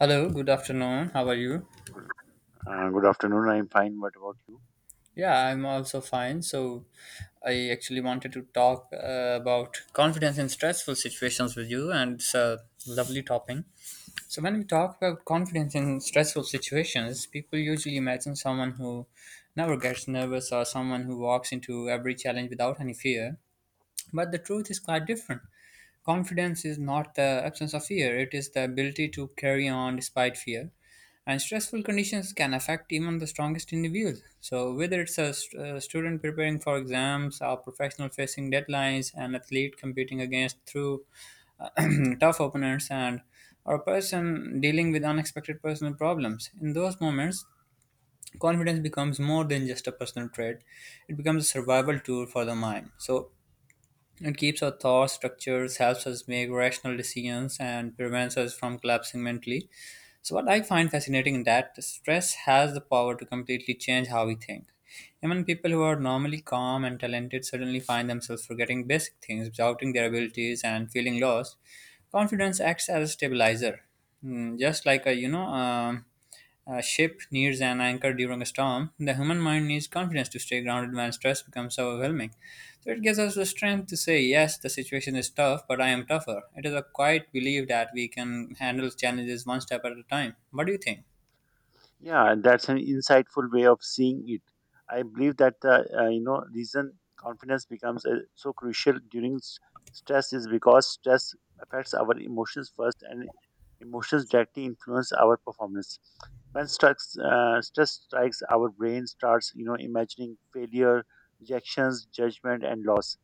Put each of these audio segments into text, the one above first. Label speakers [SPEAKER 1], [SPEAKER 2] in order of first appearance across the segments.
[SPEAKER 1] Hello, good afternoon. How are you?
[SPEAKER 2] Good afternoon. I'm fine. What about you?
[SPEAKER 1] Yeah, I'm also fine. So, I actually wanted to talk about confidence in stressful situations with you, and it's a lovely topic. So, when we talk about confidence in stressful situations, people usually imagine someone who never gets nervous or someone who walks into every challenge without any fear. But the truth is quite different. Confidence is not the absence of fear, it is the ability to carry on despite fear. And stressful conditions can affect even the strongest individuals. So whether it's a student preparing for exams, a professional facing deadlines, an athlete competing against through tough opponents and or a person dealing with unexpected personal problems, in those moments confidence becomes more than just a personal trait. It becomes a survival tool for the mind. So it keeps our thoughts structures, helps us make rational decisions, and prevents us from collapsing mentally. So, what I find fascinating is that stress has the power to completely change how we think. Even people who are normally calm and talented suddenly find themselves forgetting basic things, doubting their abilities, and feeling lost. Confidence acts as a stabilizer. Just like a a ship nears an anchor during a storm. The human mind needs confidence to stay grounded when stress becomes overwhelming. So it gives us the strength to say, yes, the situation is tough, but I am tougher. It is a quiet belief that we can handle challenges one step at a time. What do you think?
[SPEAKER 2] Yeah, and that's an insightful way of seeing it. I believe that the reason confidence becomes so crucial during stress is because stress affects our emotions first, and emotions directly influence our performance. When stress strikes, our brain starts imagining failure, rejections, judgment, and loss.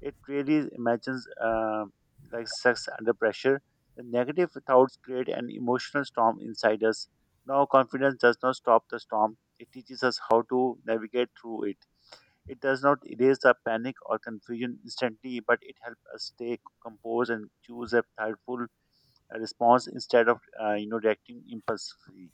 [SPEAKER 2] It really imagines like sex under pressure. The negative thoughts create an emotional storm inside us now, confidence does not stop the storm, it teaches us how to navigate through it. It does not erase the panic or confusion instantly, but it helps us stay composed and choose a thoughtful response instead of reacting impulsively.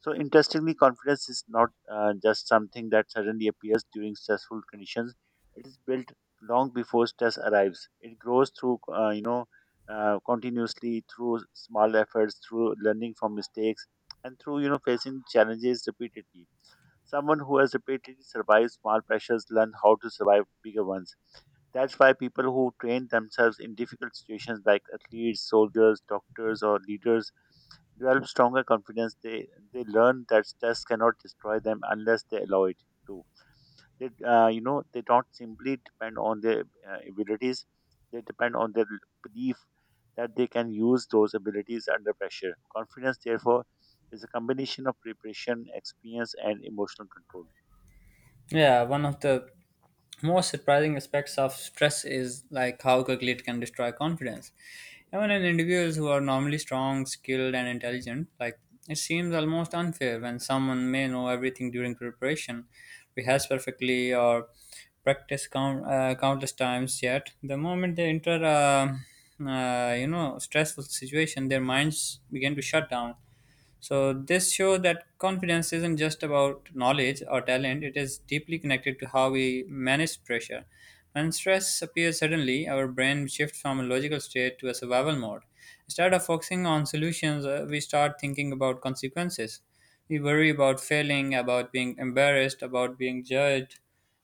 [SPEAKER 2] So, interestingly, confidence is not just something that suddenly appears during stressful conditions. It is built long before stress arrives. It grows through, continuously through small efforts, through learning from mistakes, and through, facing challenges repeatedly. Someone who has repeatedly survived small pressures learn how to survive bigger ones. That's why people who train themselves in difficult situations like athletes, soldiers, doctors, or leaders develop stronger confidence. They learn that stress cannot destroy them unless they allow it to. They don't simply depend on their abilities. They depend on their belief that they can use those abilities under pressure. Confidence, therefore, is a combination of preparation, experience, and emotional control.
[SPEAKER 1] Yeah, one of the most surprising aspects of stress is like how quickly it can destroy confidence. Even in individuals who are normally strong, skilled, and intelligent, like, it seems almost unfair when someone may know everything during preparation, rehearse perfectly, or practice countless times. Yet, the moment they enter a stressful situation, their minds begin to shut down. So this shows that confidence isn't just about knowledge or talent, it is deeply connected to how we manage pressure. When stress appears suddenly, our brain shifts from a logical state to a survival mode. Instead of focusing on solutions, we start thinking about consequences. We worry about failing, about being embarrassed, about being judged,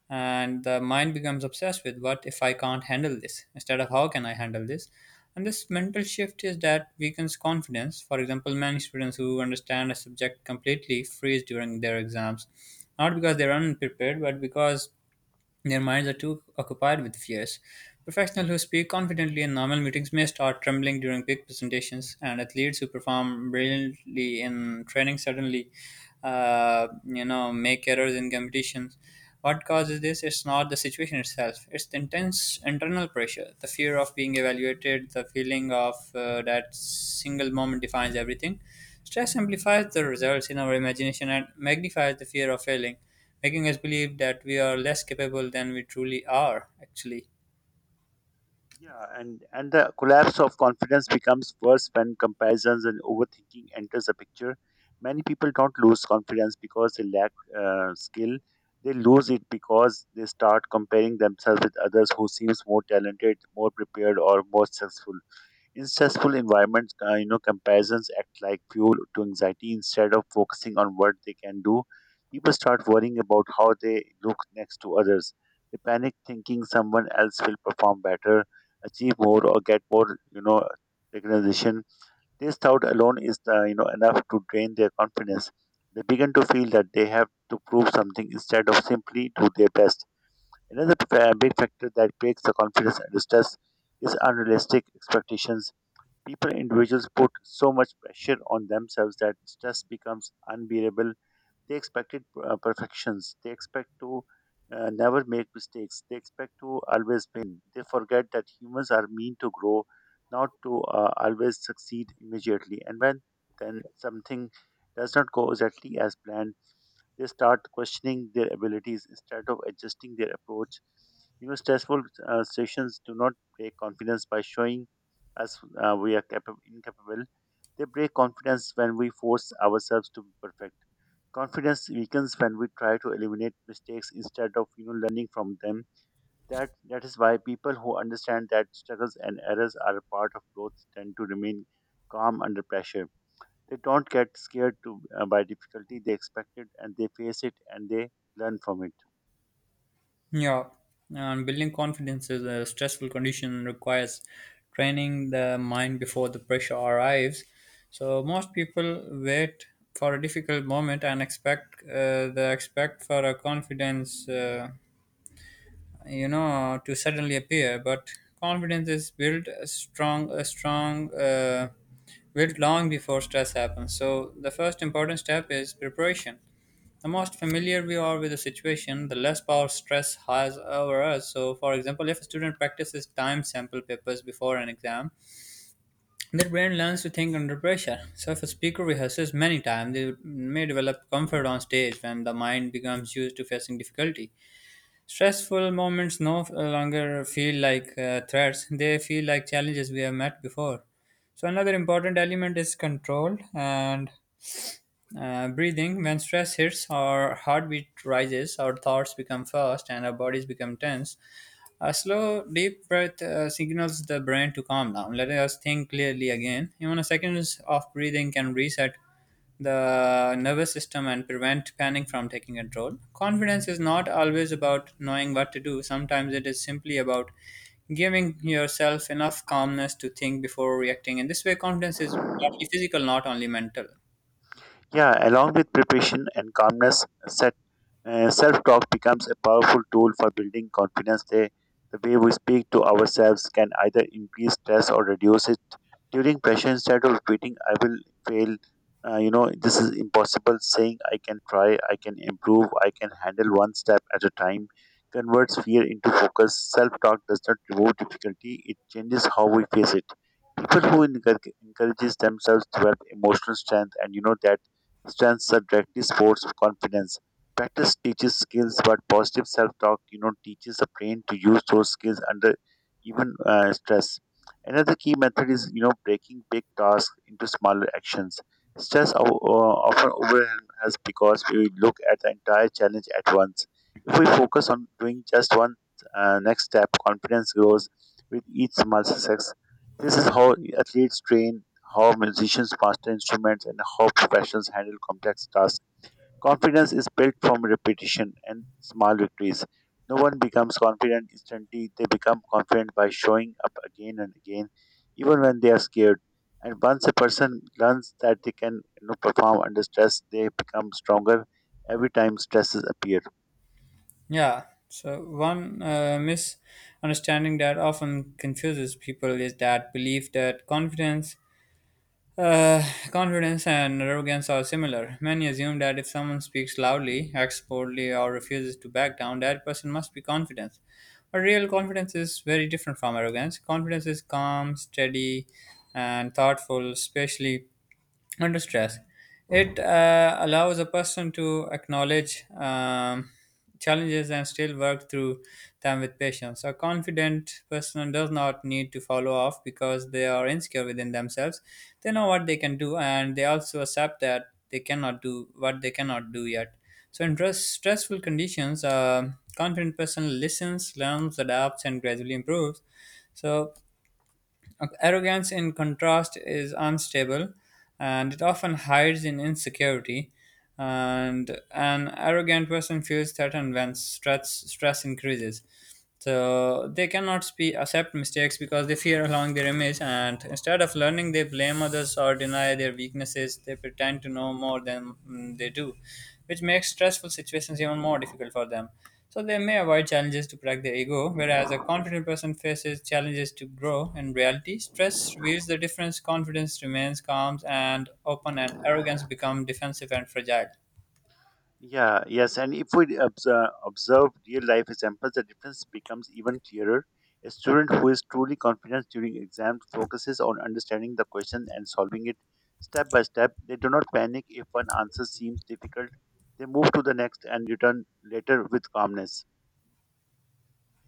[SPEAKER 1] and the mind becomes obsessed with what if I can't handle this instead of how can I handle this. And this mental shift is that weakens confidence. For example, many students who understand a subject completely freeze during their exams, not because they're unprepared, but because their minds are too occupied with fears. Professionals who speak confidently in normal meetings may start trembling during big presentations, and athletes who perform brilliantly in training suddenly, make errors in competitions. What causes this? It's not the situation itself. It's the intense internal pressure, the fear of being evaluated, the feeling of that single moment defines everything. Stress amplifies the results in our imagination and magnifies the fear of failing, making us believe that we are less capable than we truly are, actually.
[SPEAKER 2] Yeah, and the collapse of confidence becomes worse when comparisons and overthinking enters the picture. Many people don't lose confidence because they lack skill. They lose it because they start comparing themselves with others who seems more talented, more prepared, or more successful. In stressful environments, comparisons act like fuel to anxiety instead of focusing on what they can do. People start worrying about how they look next to others. They panic thinking someone else will perform better, achieve more, or get more, recognition. This thought alone is, enough to drain their confidence. They begin to feel that they have to prove something instead of simply do their best. Another big factor that breaks the confidence and stress is unrealistic expectations. People, individuals put so much pressure on themselves that stress becomes unbearable. They expected perfections. They expect to never make mistakes. They expect to always win. They forget that humans are meant to grow, not to always succeed immediately. And when then something does not go exactly as planned, they start questioning their abilities instead of adjusting their approach. You know, stressful situations do not break confidence by showing us we are capable, incapable. They break confidence when we force ourselves to be perfect. Confidence weakens when we try to eliminate mistakes instead of learning from them. That is why people who understand that struggles and errors are a part of growth tend to remain calm under pressure. They don't get scared to, by difficulty. They expect it and they face it and they learn from it.
[SPEAKER 1] Yeah. And building confidence is a stressful condition requires training the mind before the pressure arrives. So most people wait for a difficult moment and expect for a confidence to suddenly appear, but confidence is built a strong built long before stress happens. So the first important step is preparation. The most familiar we are with the situation, the less power stress has over us. So for example, if a student practices time sample papers before an exam, their brain learns to think under pressure. So if a speaker rehearses many times, they may develop comfort on stage. When the mind becomes used to facing difficulty, stressful moments no longer feel like threats, they feel like challenges we have met before. So, another important element is control and breathing. When stress hits, our heartbeat rises, our thoughts become fast, and our bodies become tense. A slow, deep breath signals the brain to calm down, letting us think clearly again. Even a second of breathing can reset the nervous system and prevent panic from taking control. Confidence is not always about knowing what to do, sometimes it is simply about giving yourself enough calmness to think before reacting. In this way, confidence is partly physical, not only mental.
[SPEAKER 2] Yeah, along with preparation and calmness, self-talk becomes a powerful tool for building confidence. The way we speak to ourselves can either increase stress or reduce it. During pressure, instead of repeating, "I will fail," this is impossible. Saying, "I can try," "I can improve," "I can handle one step at a time," converts fear into focus. Self-talk does not remove difficulty; it changes how we face it. People who encourages themselves develop emotional strength, and you know that strengths subjectively sports confidence. Practice teaches skills, but positive self-talk, teaches the brain to use those skills under even stress. Another key method is, breaking big tasks into smaller actions. Stress often overwhelms us because we look at the entire challenge at once. If we focus on doing just one next step, confidence grows with each small success. This is how athletes train, how musicians master instruments, and how professionals handle complex tasks. Confidence is built from repetition and small victories. No one becomes confident instantly, they become confident by showing up again and again, even when they are scared. And once a person learns that they can, perform under stress, they become stronger every time stresses appear.
[SPEAKER 1] Yeah, so one misunderstanding that often confuses people is that belief that uh, confidence and arrogance are similar. Many assume that if someone speaks loudly, acts boldly, or refuses to back down, that person must be confident. But real confidence is very different from arrogance. Confidence is calm, steady, and thoughtful, especially under stress. It allows a person to acknowledge challenges and still work through them with patience. A confident person does not need to follow off because they are insecure within themselves. They know what they can do and they also accept that they cannot do what they cannot do yet. So, in stressful conditions, a confident person listens, learns, adapts, and gradually improves. So, okay. Arrogance, in contrast, is unstable and it often hides in insecurity. And an arrogant person feels threatened when stress increases. So they cannot accept mistakes because they fear allowing their image, and instead of learning, they blame others or deny their weaknesses. They pretend to know more than they do, which makes stressful situations even more difficult for them. So they may avoid challenges to protect their ego, whereas a confident person faces challenges to grow. In reality, stress reveals the difference. Confidence remains calm and open, and arrogance becomes defensive and fragile.
[SPEAKER 2] Yeah, yes, and if we observe real life examples, the difference becomes even clearer. A student who is truly confident during exams focuses on understanding the question and solving it step by step. They do not panic if one answer seems difficult. They move to the next and return later with calmness.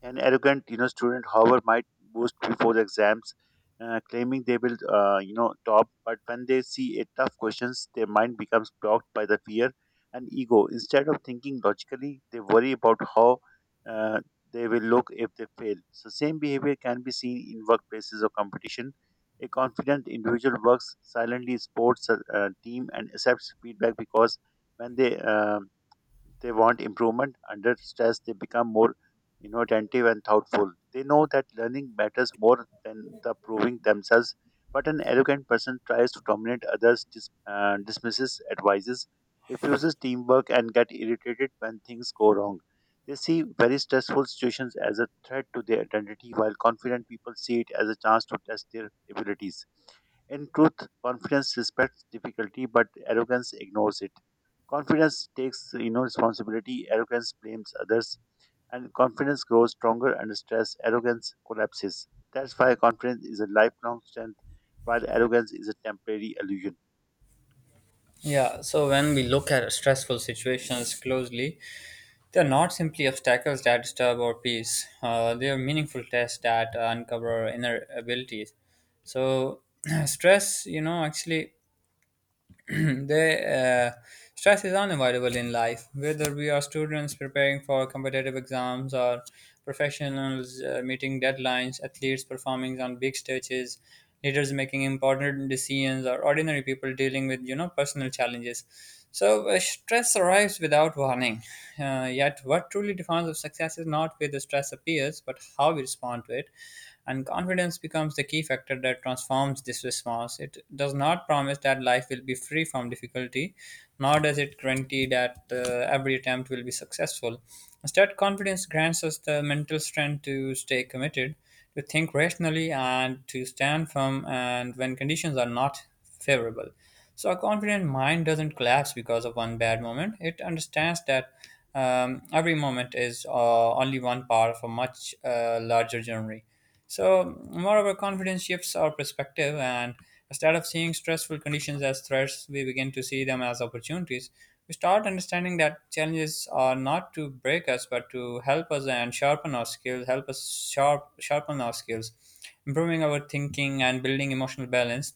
[SPEAKER 2] An arrogant, student, however, might boast before the exams, claiming they will, top. But when they see a tough questions, their mind becomes blocked by the fear and ego. Instead of thinking logically, they worry about how uh, they will look if they fail. So, same behavior can be seen in workplaces or competition. A confident individual works silently, supports a team, and accepts feedback because when they want improvement. Under stress, they become more, attentive and thoughtful. They know that learning matters more than the proving themselves. But an arrogant person tries to dominate others, dismisses advices, refuses teamwork, and get irritated when things go wrong. They see very stressful situations as a threat to their identity, while confident people see it as a chance to test their abilities. In truth, confidence respects difficulty, but arrogance ignores it. Confidence takes, responsibility. Arrogance blames others, and confidence grows stronger under stress. Arrogance collapses. That's why confidence is a lifelong strength, while arrogance is a temporary illusion.
[SPEAKER 1] Yeah, so when we look at stressful situations closely, they're not simply obstacles that disturb our peace. They are meaningful tests that uncover our inner abilities. So, stress, you know, actually they, uh, stress is unavoidable in life, whether we are students preparing for competitive exams or professionals meeting deadlines, athletes performing on big stages, leaders making important decisions, or ordinary people dealing with personal challenges. So stress arrives without warning. Yet, what truly defines of success is not where the stress appears, but how we respond to it. And confidence becomes the key factor that transforms this response. It does not promise that life will be free from difficulty, nor does it guarantee that every attempt will be successful. Instead, confidence grants us the mental strength to stay committed, to think rationally, and to stand firm. And when conditions are not favorable. So a confident mind doesn't collapse because of one bad moment. It understands that every moment is only one part of a much larger journey. So, moreover, confidence shifts our perspective, and instead of seeing stressful conditions as threats, we begin to see them as opportunities. We start understanding that challenges are not to break us, but to help us and sharpen our skills, sharpen our skills, improving our thinking and building emotional balance.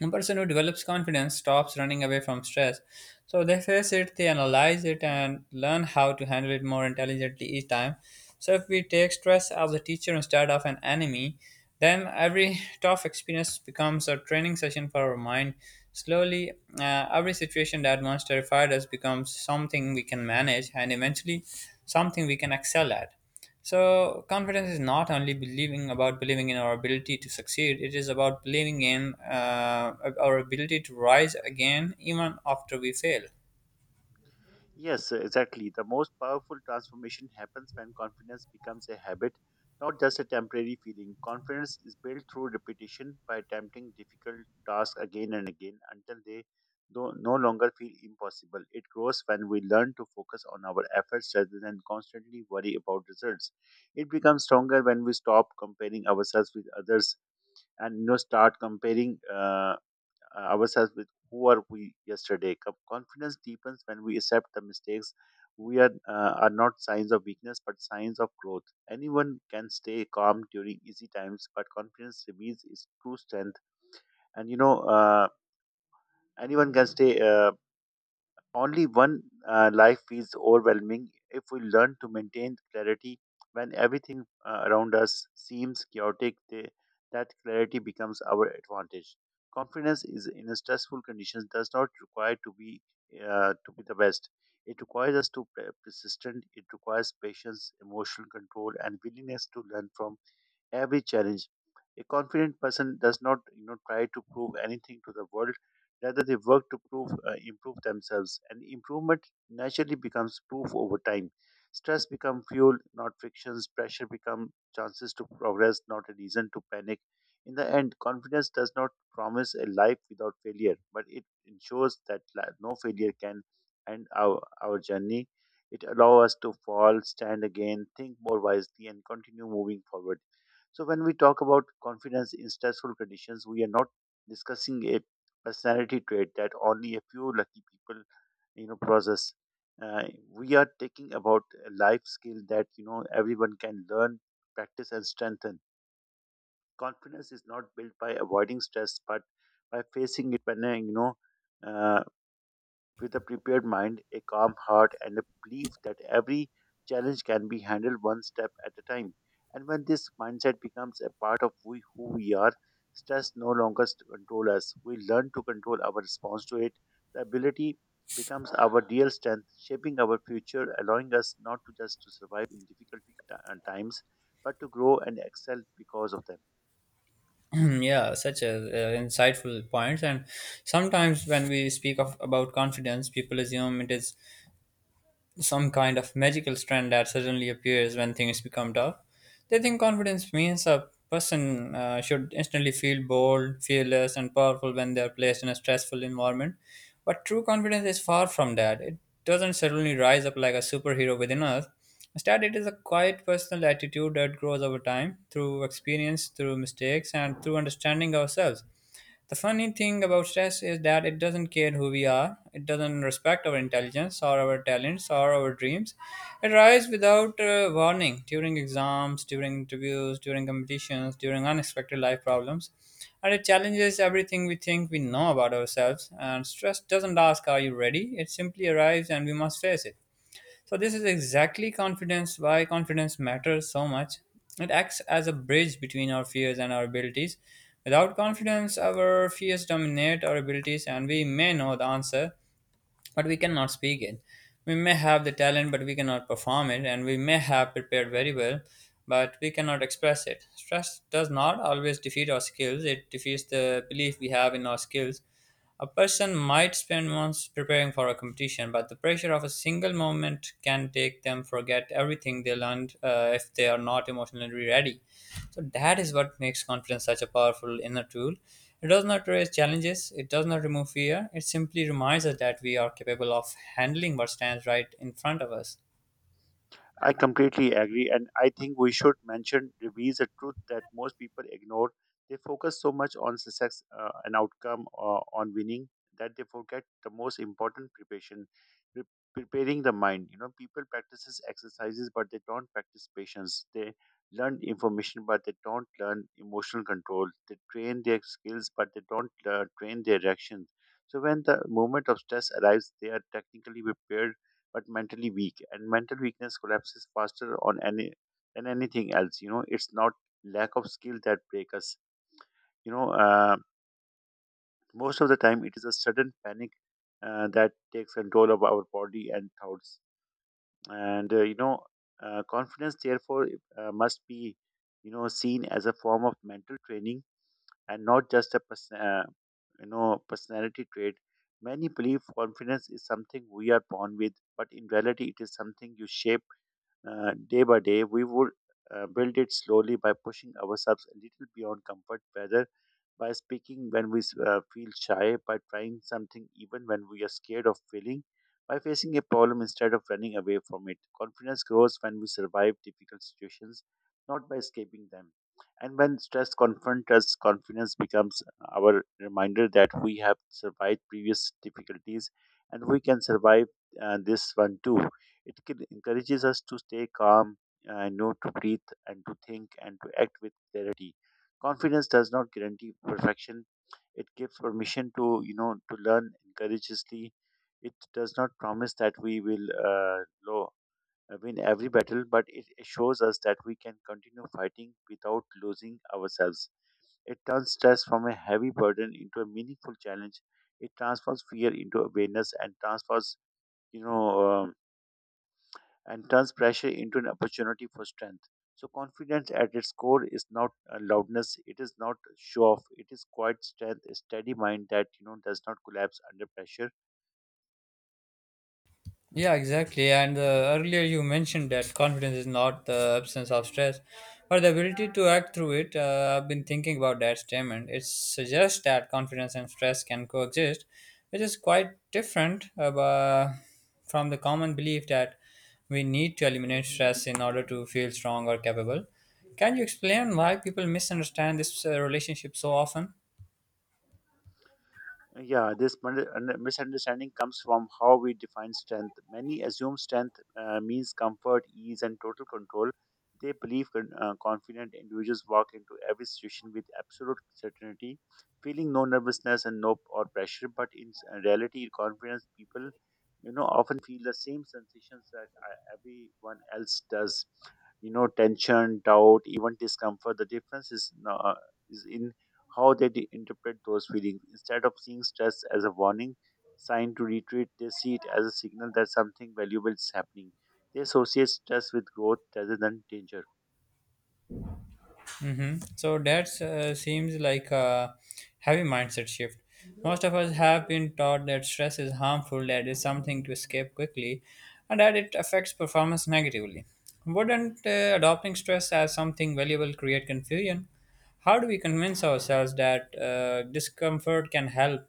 [SPEAKER 1] A person who develops confidence stops running away from stress. So they face it, they analyze it, and learn how to handle it more intelligently each time. So if we take stress as a teacher instead of an enemy, then every tough experience becomes a training session for our mind. Slowly, every situation that once terrified us becomes something we can manage and eventually something we can excel at. So confidence is not only believing in our ability to succeed. It is about believing in uh, our ability to rise again even after we fail.
[SPEAKER 2] Yes, exactly. The most powerful transformation happens when confidence becomes a habit, not just a temporary feeling. Confidence is built through repetition by attempting difficult tasks again and again until they do no longer feel impossible. It grows when we learn to focus on our efforts rather than constantly worry about results. It becomes stronger when we stop comparing ourselves with others and start comparing ourselves with who are we yesterday. Confidence deepens when we accept the mistakes. We are not signs of weakness, but signs of growth. Anyone can stay calm during easy times, but confidence reveals its true strength. And anyone can stay. Only one life feels overwhelming if we learn to maintain clarity when everything around us seems chaotic. That clarity becomes our advantage. Confidence is in a stressful conditions does not require to be the best. It requires us to be persistent. It requires patience, emotional control, and willingness to learn from every challenge. A confident person does not, try to prove anything to the world. Rather, they work to improve themselves, and improvement naturally becomes proof over time. Stress becomes fuel, not frictions. Pressure becomes chances to progress, not a reason to panic. In the end, confidence does not promise a life without failure, but it ensures that no failure can end our journey. It allows us to fall, stand again, think more wisely, and continue moving forward. So when we talk about confidence in stressful conditions, we are not discussing a personality trait that only a few lucky people, possess. Uh, we are talking about a life skill that everyone can learn, practice, and strengthen. Confidence is not built by avoiding stress, but by facing it when Uh, with a prepared mind, a calm heart, and a belief that every challenge can be handled one step at a time. And when this mindset becomes a part of we, who we are, stress no longer control us. We learn to control our response to it. The ability becomes our real strength, shaping our future, allowing us not to just to survive in difficult times, but to grow and excel because of them.
[SPEAKER 1] Yeah, such a insightful point. And sometimes when we speak of about confidence, people assume it is some kind of magical strand that suddenly appears when things become tough. They think confidence means a person should instantly feel bold, fearless, and powerful when they are placed in a stressful environment. But true confidence is far from that. It doesn't suddenly rise up like a superhero within us. Instead, it is a quiet personal attitude that grows over time through experience, through mistakes, and through understanding ourselves. The funny thing about stress is that it doesn't care who we are. It doesn't respect our intelligence or our talents or our dreams. It arrives without warning during exams, during interviews, during competitions, during unexpected life problems. And it challenges everything we think we know about ourselves. And stress doesn't ask, are you ready? It simply arrives and we must face it. So this is exactly confidence why confidence matters so much. It acts as a bridge between our fears and our abilities. Without confidence, our fears dominate our abilities and we may know the answer, but we cannot speak it. We may have the talent, but we cannot perform it, and we may have prepared very well, but we cannot express it. Stress does not always defeat our skills, it defeats the belief we have in our skills. A person might spend months preparing for a competition, but the pressure of a single moment can take them forget everything they learned, if they are not emotionally ready. So that is what makes confidence such a powerful inner tool. It does not raise challenges, it does not remove fear, it simply reminds us that we are capable of handling what stands right in front of us.
[SPEAKER 2] I completely agree, and I think we should mention reveals a truth that most people ignore. They focus so much on success and outcome or on winning that they forget the most important preparation, pre- preparing the mind. You know, people practices exercises, but they don't practice patience. They learn information, but they don't learn emotional control. They train their skills, but they don't train their reactions. So when the moment of stress arrives, they are technically prepared but mentally weak. And mental weakness collapses faster on any than anything else. You know, it's not lack of skill that break us. You know, uh, most of the time it is a sudden panic that takes control of our body and thoughts. And confidence therefore must be, seen as a form of mental training and not just a personality trait. Many believe confidence is something we are born with, but in reality, it is something you shape day by day. We would build it slowly by pushing ourselves a little beyond comfort, whether by speaking when we feel shy, by trying something even when we are scared of failing, by facing a problem instead of running away from it. Confidence grows when we survive difficult situations, not by escaping them. And when stress confronts us, confidence becomes our reminder that we have survived previous difficulties and we can survive this one too. It encourages us to stay calm, know to breathe, and to think and to act with clarity. Confidence does not guarantee perfection. It gives permission to to learn courageously. It does not promise that we will lo- win every battle, but it shows us that we can continue fighting without losing ourselves. It turns stress from a heavy burden into a meaningful challenge. It transforms fear into awareness and you know, um, turns pressure into an opportunity for strength. So, confidence at its core is not a loudness, it is not show off, it is quite strength, a steady mind that does not collapse under pressure.
[SPEAKER 1] Yeah, exactly. And Earlier you mentioned that confidence is not the absence of stress, but the ability to act through it. I've been thinking about that statement. It suggests that confidence and stress can coexist, which is quite different from the common belief that we need to eliminate stress in order to feel strong or capable. Can you explain why people misunderstand this relationship so often?
[SPEAKER 2] Yeah, this misunderstanding comes from how we define strength. Many assume strength means comfort, ease, and total control. They believe confident individuals walk into every situation with absolute certainty, feeling no nervousness and no or pressure. But in reality, confidence people, often feel the same sensations that everyone else does. You know, tension, doubt, even discomfort. The difference is in how they interpret those feelings. Instead of seeing stress as a warning sign to retreat, they see it as a signal that something valuable is happening. They associate stress with growth rather than danger.
[SPEAKER 1] Mm-hmm. So that seems like a heavy mindset shift. Most of us have been taught that stress is harmful, that is something to escape quickly, and that it affects performance negatively. Wouldn't adopting stress as something valuable create confusion? How do we convince ourselves that discomfort can help?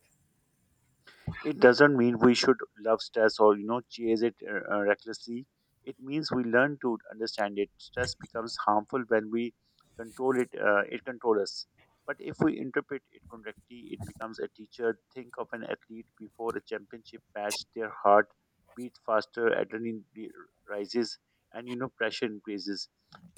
[SPEAKER 2] It doesn't mean we should love stress or chase it recklessly. It means we learn to understand it. Stress becomes harmful when we control it. It controls us. But if we interpret it correctly, it becomes a teacher. Think of an athlete before a championship match. Their heart beats faster, adrenaline rises, and pressure increases.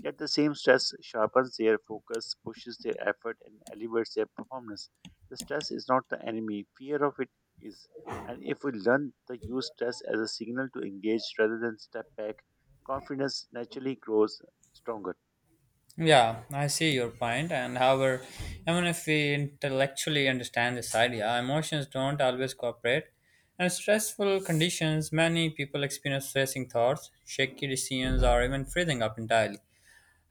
[SPEAKER 2] Yet the same stress sharpens their focus, pushes their effort, and elevates their performance. The stress is not the enemy. Fear of it is. And if we learn to use stress as a signal to engage rather than step back, confidence naturally grows stronger.
[SPEAKER 1] Yeah, I see your point, and however, even if we intellectually understand this idea, emotions don't always cooperate. And stressful conditions, many people experience stressing thoughts, shaky decisions, or even freezing up entirely.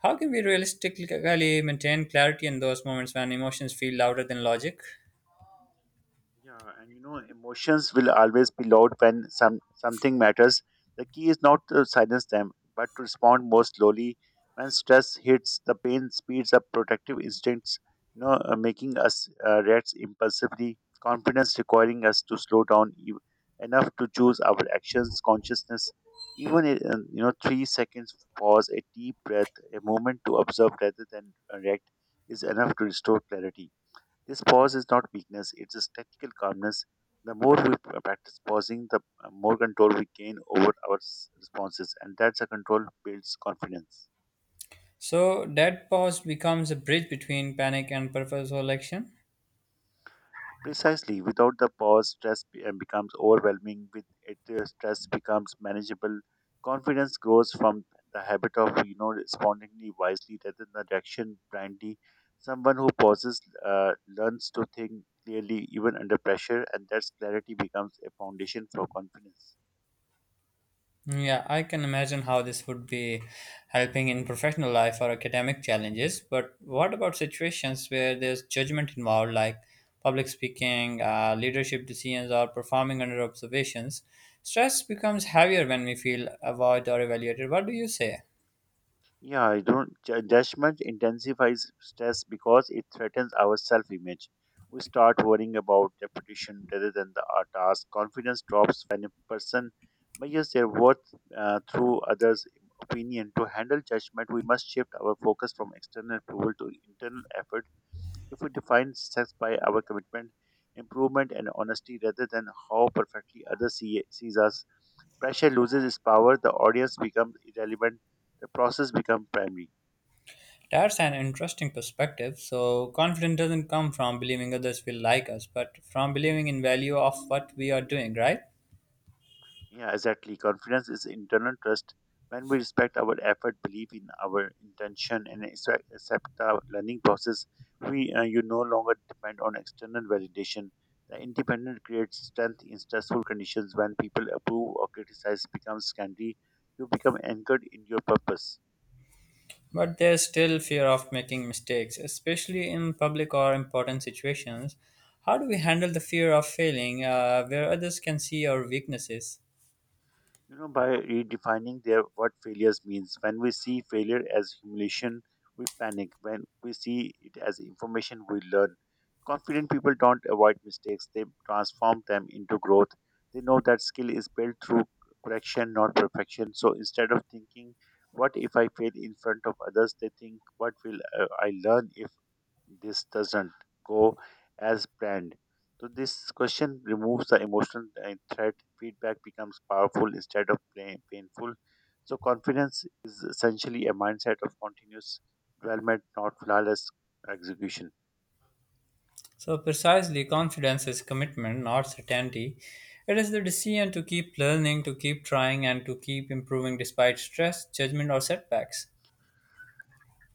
[SPEAKER 1] How can we realistically maintain clarity in those moments when emotions feel louder than logic?
[SPEAKER 2] Yeah, and emotions will always be loud when something matters. The key is not to silence them, but to respond more slowly. When stress hits, the pain speeds up protective instincts, making us react impulsively. Confidence requiring us to slow down enough to choose our actions. Consciousness, even 3 seconds pause, a deep breath, a moment to observe rather than react, is enough to restore clarity. This pause is not weakness, it's a tactical calmness. The more we practice pausing, the more control we gain over our responses, and that's a control builds confidence.
[SPEAKER 1] So that pause becomes a bridge between panic and purposeful action.
[SPEAKER 2] Precisely, without the pause, stress becomes overwhelming. With it, stress becomes manageable. Confidence grows from the habit of respondingly wisely rather than the reaction blindly. Someone who pauses learns to think clearly even under pressure, and that clarity becomes a foundation for confidence.
[SPEAKER 1] Yeah, I can imagine how this would be helping in professional life or academic challenges. But what about situations where there's judgment involved, like public speaking, leadership decisions, or performing under observations? Stress becomes heavier when we feel avoided or evaluated. What do you say?
[SPEAKER 2] Yeah, I don't. Ju- judgment intensifies stress because it threatens our self image. We start worrying about reputation rather than the our task. Confidence drops when a person measures their worth through others' opinion. To handle judgment, we must shift our focus from external approval to internal effort. If we define success by our commitment, improvement, and honesty rather than how perfectly others sees us, pressure loses its power, the audience becomes irrelevant, the process becomes primary.
[SPEAKER 1] That's an interesting perspective. So, confidence doesn't come from believing others will like us, but from believing in value of what we are doing, right?
[SPEAKER 2] Yeah, exactly. Confidence is internal trust. When we respect our effort, believe in our intention, and accept our learning process, we you no longer depend on external validation. The independent creates strength in stressful conditions. When people approve or criticize becomes secondary, you become anchored in your purpose.
[SPEAKER 1] But there's still fear of making mistakes, especially in public or important situations. How do we handle the fear of failing where others can see our weaknesses?
[SPEAKER 2] You know by redefining their what failures means. When we see failure as humiliation, we panic. When we see it as information, we learn. Confident people don't avoid mistakes, they transform them into growth. They know that skill is built through correction, not perfection. So instead of thinking, what if I fail in front of others, they think, what will I learn if this doesn't go as planned. So this question removes the emotional threat. Feedback becomes powerful instead of plain, painful. So confidence is essentially a mindset of continuous development, not flawless execution.
[SPEAKER 1] So, precisely, confidence is commitment, not certainty. It is the decision to keep learning, to keep trying, and to keep improving despite stress, judgment, or setbacks.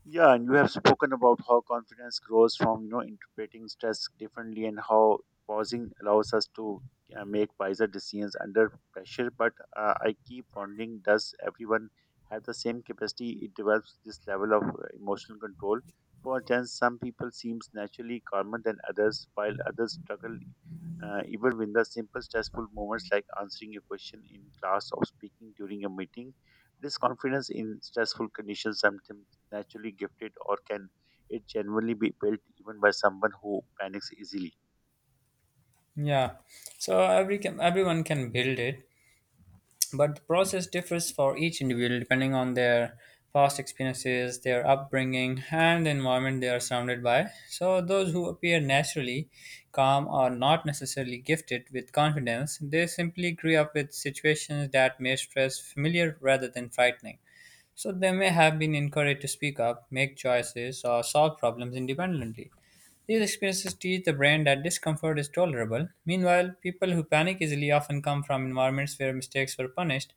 [SPEAKER 2] Yeah, and you have spoken about how confidence grows from interpreting stress differently and how pausing allows us to make wiser decisions under pressure. But I keep wondering, does everyone have the same capacity? It develops this level of emotional control. For instance, some people seems naturally calmer than others, while others struggle even when the simple stressful moments like answering a question in class or speaking during a meeting. This confidence in stressful conditions sometimes naturally gifted or can it genuinely be built even by someone who panics easily?
[SPEAKER 1] Yeah, so everyone can build it, but the process differs for each individual depending on their past experiences, their upbringing, and the environment they are surrounded by. So, those who appear naturally calm are not necessarily gifted with confidence. They simply grew up with situations that made stress familiar rather than frightening. So they may have been encouraged to speak up, make choices, or solve problems independently. These experiences teach the brain that discomfort is tolerable. Meanwhile, people who panic easily often come from environments where mistakes were punished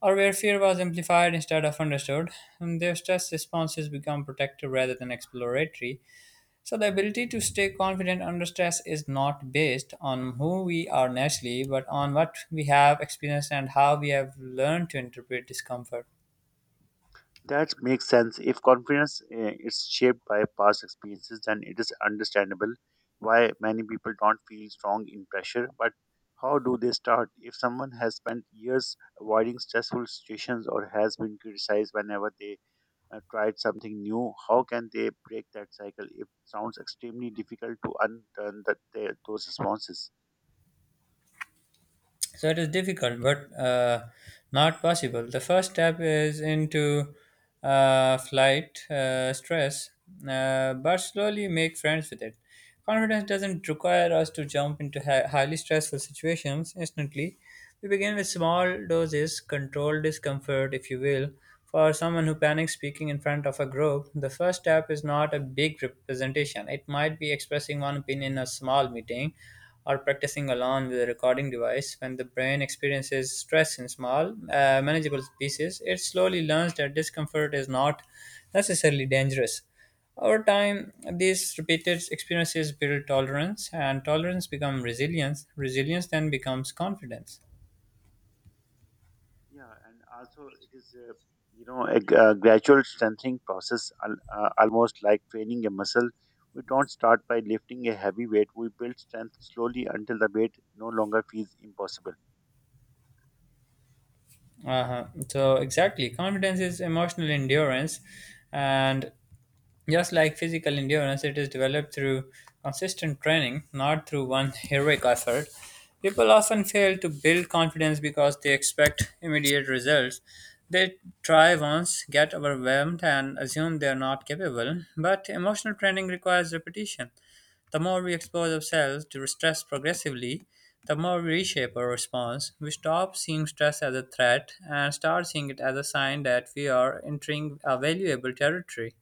[SPEAKER 1] or where fear was amplified instead of understood, and their stress responses become protective rather than exploratory. So, the ability to stay confident under stress is not based on who we are naturally, but on what we have experienced and how we have learned to interpret discomfort.
[SPEAKER 2] That makes sense. If confidence is shaped by past experiences, then it is understandable why many people don't feel strong in pressure. But how do they start? If someone has spent years avoiding stressful situations or has been criticized whenever they tried something new, how can they break that cycle? It sounds extremely difficult to unturn those responses.
[SPEAKER 1] So it is difficult, but not possible. The first step is into flight stress, but slowly make friends with it. Confidence doesn't require us to jump into highly stressful situations instantly. We begin with small doses, controlled discomfort, if you will. For someone who panics speaking in front of a group, the first step is not a big representation. It might be expressing one opinion in a small meeting or practicing alone with a recording device. When the brain experiences stress in small, manageable pieces, it slowly learns that discomfort is not necessarily dangerous. Over time, these repeated experiences build tolerance, and tolerance becomes resilience. Resilience then becomes confidence.
[SPEAKER 2] Yeah, and also it is a gradual strengthening process, almost like training a muscle. We don't start by lifting a heavy weight. We build strength slowly until the weight no longer feels impossible.
[SPEAKER 1] Uh-huh. So exactly, confidence is emotional endurance, and just like physical endurance, it is developed through consistent training, not through one heroic effort. People often fail to build confidence because they expect immediate results. They try once, get overwhelmed, and assume they are not capable. But emotional training requires repetition. The more we expose ourselves to stress progressively, the more we reshape our response. We stop seeing stress as a threat and start seeing it as a sign that we are entering a valuable territory.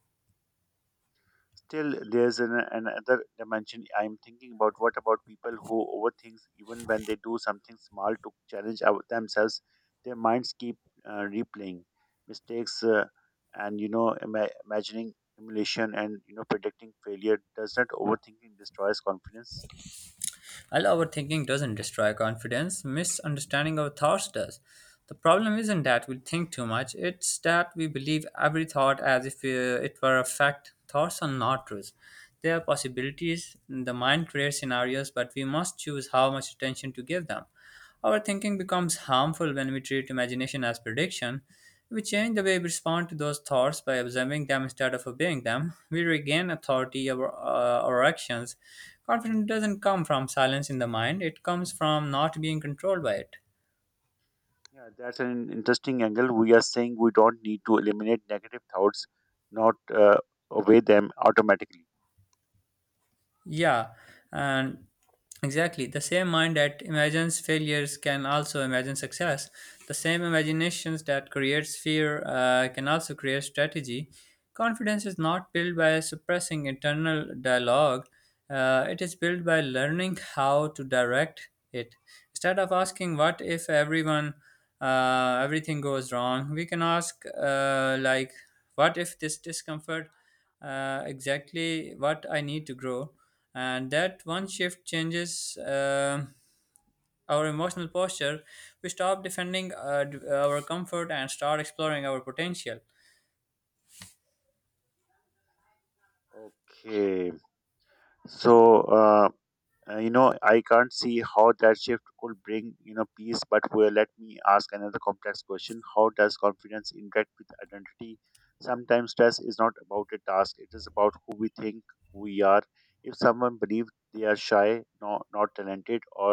[SPEAKER 2] Still, there's another dimension I'm thinking about. What about people who overthink even when they do something small to challenge themselves? Their minds keep replaying mistakes and imagining emulation and predicting failure. Does not overthinking destroys confidence?
[SPEAKER 1] While overthinking doesn't destroy confidence, misunderstanding our thoughts does. The problem isn't that we think too much, it's that we believe every thought as if it were a fact. Thoughts are not truths. They are possibilities. The mind creates scenarios, but we must choose how much attention to give them. Our thinking becomes harmful when we treat imagination as prediction. We change the way we respond to those thoughts by observing them instead of obeying them. We regain authority over our actions. Confidence doesn't come from silence in the mind, it comes from not being controlled by it.
[SPEAKER 2] Yeah, that's an interesting angle. We are saying we don't need to eliminate negative thoughts, not obey them automatically.
[SPEAKER 1] Yeah, and exactly. The same mind that imagines failures can also imagine success. The same imaginations that creates fear can also create strategy. Confidence is not built by suppressing internal dialogue. It is built by learning how to direct it. Instead of asking what if everyone everything goes wrong, we can ask, like, what if this discomfort exactly what I need to grow, and that one shift changes our emotional posture. We stop defending our comfort and start exploring our potential.
[SPEAKER 2] Okay, so. I can't see how that shift could bring peace. But well, let me ask another complex question: how does confidence interact with identity? Sometimes stress is not about a task; it is about who we think we are. If someone believes they are shy, no, not talented, or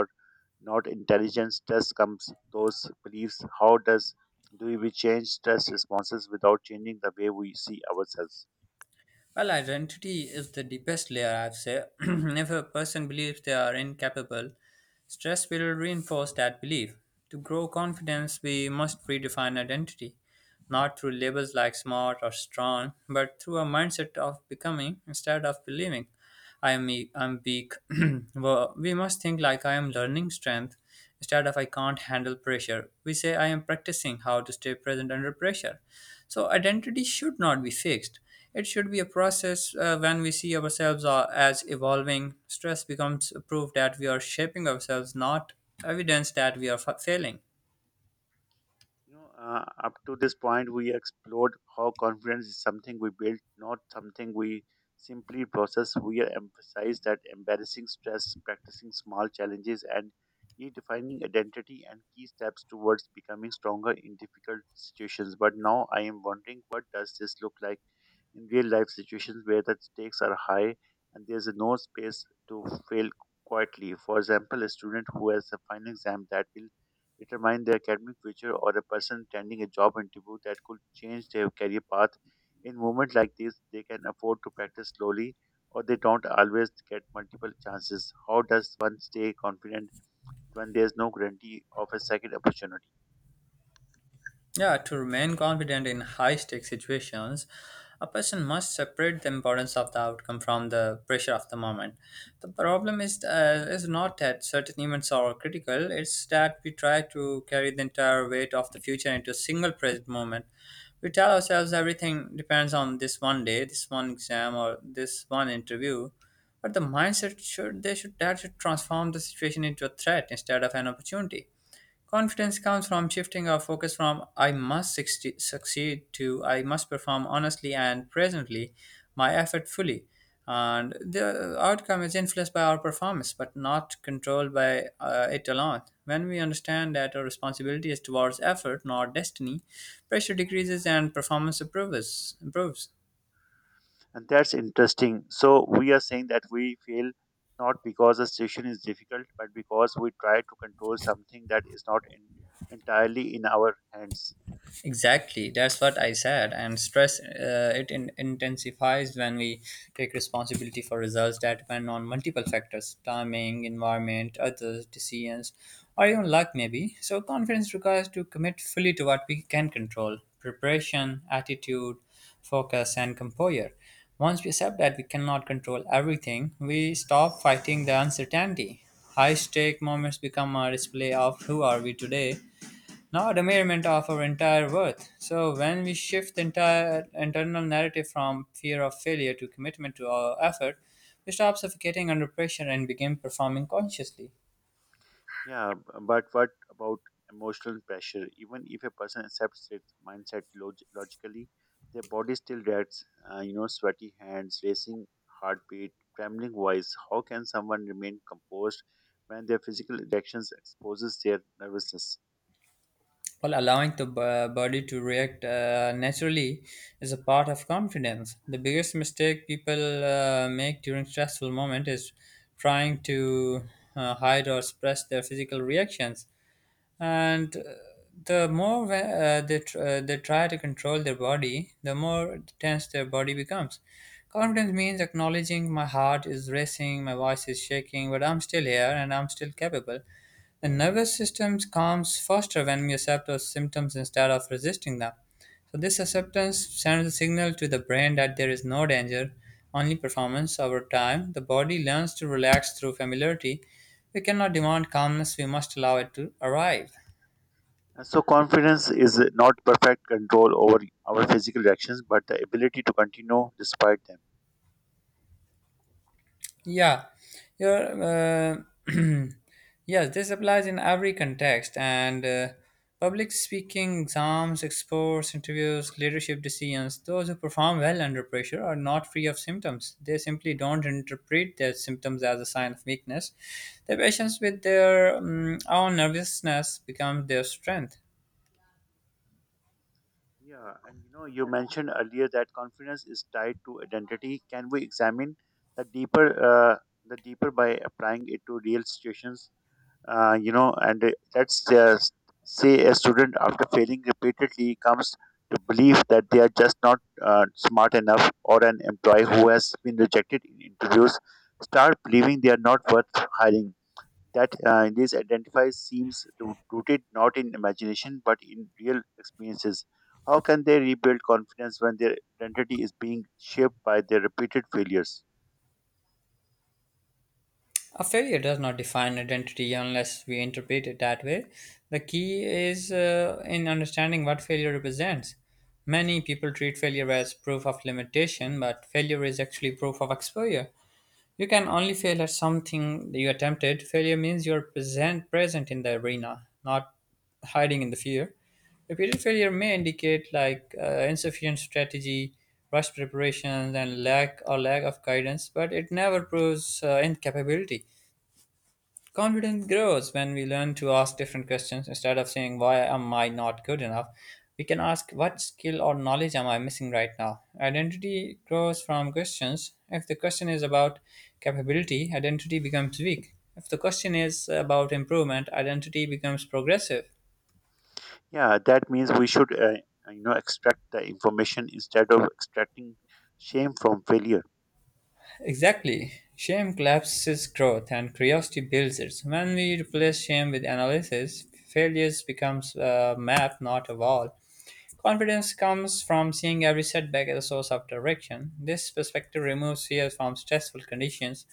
[SPEAKER 2] not intelligent, stress comes those beliefs. How does do we change stress responses without changing the way we see ourselves?
[SPEAKER 1] Well, identity is the deepest layer, I've said. If a person believes they are incapable, stress will reinforce that belief. To grow confidence, we must redefine identity, not through labels like smart or strong, but through a mindset of becoming instead of believing I'm weak. We must think like I am learning strength instead of I can't handle pressure. We say I am practicing how to stay present under pressure. So identity should not be fixed. It should be a process when we see ourselves as evolving. Stress becomes proof that we are shaping ourselves, not evidence that we are failing.
[SPEAKER 2] Up to this point, we explored how confidence is something we build, not something we simply process. We emphasized that embarrassing stress, practicing small challenges, and redefining identity and key steps towards becoming stronger in difficult situations. But now I am wondering, what does this look like in real life situations where the stakes are high and there's no space to fail quietly. For example, a student who has a final exam that will determine their academic future, or a person attending a job interview that could change their career path. In moments like this, they can afford to practice slowly, or they don't always get multiple chances. How does one stay confident when there's no guarantee of a second opportunity?
[SPEAKER 1] Yeah, to remain confident in high stakes situations, a person must separate the importance of the outcome from the pressure of the moment. The problem is not that certain events are critical, it's that we try to carry the entire weight of the future into a single present moment. We tell ourselves everything depends on this one day, this one exam, or this one interview. But the mindset should they should that should transform the situation into a threat instead of an opportunity. Confidence comes from shifting our focus from I must succeed to I must perform honestly and presently my effort fully. And the outcome is influenced by our performance, but not controlled by it alone. When we understand that our responsibility is towards effort, not destiny, pressure decreases and performance improves.
[SPEAKER 2] And that's interesting. So we are saying that we fail not because a station is difficult, but because we try to control something that is not entirely in our hands.
[SPEAKER 1] Exactly, that's what I said. And stress, it intensifies when we take responsibility for results that depend on multiple factors timing, environment, others, decisions, or even luck, maybe. So, confidence requires to commit fully to what we can control preparation, attitude, focus, and composure. Once we accept that we cannot control everything, we stop fighting the uncertainty. High stake moments become a display of who are we today, not a measurement of our entire worth. So when we shift the entire internal narrative from fear of failure to commitment to our effort, we stop suffocating under pressure and begin performing consciously.
[SPEAKER 2] Yeah, but what about emotional pressure? Even if a person accepts its mindset logically, their body still reacts. Sweaty hands, racing heartbeat, trembling voice. How can someone remain composed when their physical reactions exposes their nervousness?
[SPEAKER 1] While allowing the body to react naturally is a part of confidence. The biggest mistake people make during stressful moment is trying to hide or suppress their physical reactions, and the more we- they, tr- they try to control their body, the more tense their body becomes. Confidence means acknowledging my heart is racing, my voice is shaking, but I'm still here and I'm still capable. The nervous system calms faster when we accept those symptoms instead of resisting them. So this acceptance sends a signal to the brain that there is no danger, only performance. Over time the body learns to relax through familiarity. We cannot demand calmness, we must allow it to arrive.
[SPEAKER 2] And so, confidence is not perfect control over our physical reactions, but the ability to continue despite them.
[SPEAKER 1] Yeah, your yes, this applies in every context, and public speaking, exams, exports, interviews, leadership decisions. Those who perform well under pressure are not free of symptoms. They simply don't interpret their symptoms as a sign of weakness. The patients with their own nervousness becomes their strength.
[SPEAKER 2] Yeah, and you mentioned earlier that confidence is tied to identity. Can we examine the deeper by applying it to real situations? You know, and Let's just say a student after failing repeatedly comes to believe that they are just not smart enough, or an employee who has been rejected in interviews start believing they are not worth hiring, that in this identifies seems rooted not in imagination but in real experiences. How can they rebuild confidence when their identity is being shaped by their repeated failures?
[SPEAKER 1] A failure does not define identity unless we interpret it that way. The key is in understanding what failure represents. Many people treat failure as proof of limitation, but failure is actually proof of exposure. You can only fail at something you attempted. Failure means you're present in the arena, not hiding in the fear. Repeated failure may indicate like insufficient strategy, rushed preparations, and lack or lack of guidance, but it never proves incapability. Confidence grows when we learn to ask different questions. Instead of saying, why am I not good enough? We can ask, what skill or knowledge am I missing right now? Identity grows from questions. If the question is about capability, identity becomes weak. If the question is about improvement, identity becomes progressive.
[SPEAKER 2] Yeah, that means we should extract the information instead of extracting shame from failure.
[SPEAKER 1] Exactly. Shame collapses growth and curiosity builds it. When we replace shame with analysis, failures becomes a map, not a wall. Confidence comes from seeing every setback as a source of direction. This perspective removes fear from stressful conditions.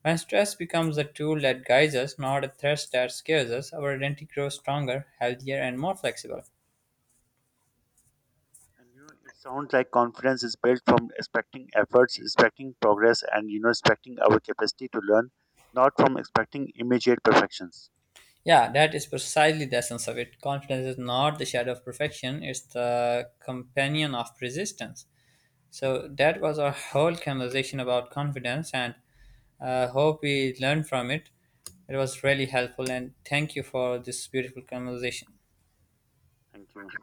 [SPEAKER 1] When stress becomes a tool that guides us, not a threat that scares us, our identity grows stronger, healthier, and more flexible.
[SPEAKER 2] It sounds like confidence is built from expecting efforts, expecting progress, and expecting our capacity to learn, not from expecting immediate perfections.
[SPEAKER 1] Yeah, that is precisely the essence of it. Confidence is not the shadow of perfection, it's the companion of resistance. So, that was our whole conversation about confidence, and hope we learned from it. It was really helpful, and thank you for this beautiful conversation.
[SPEAKER 2] Thank you.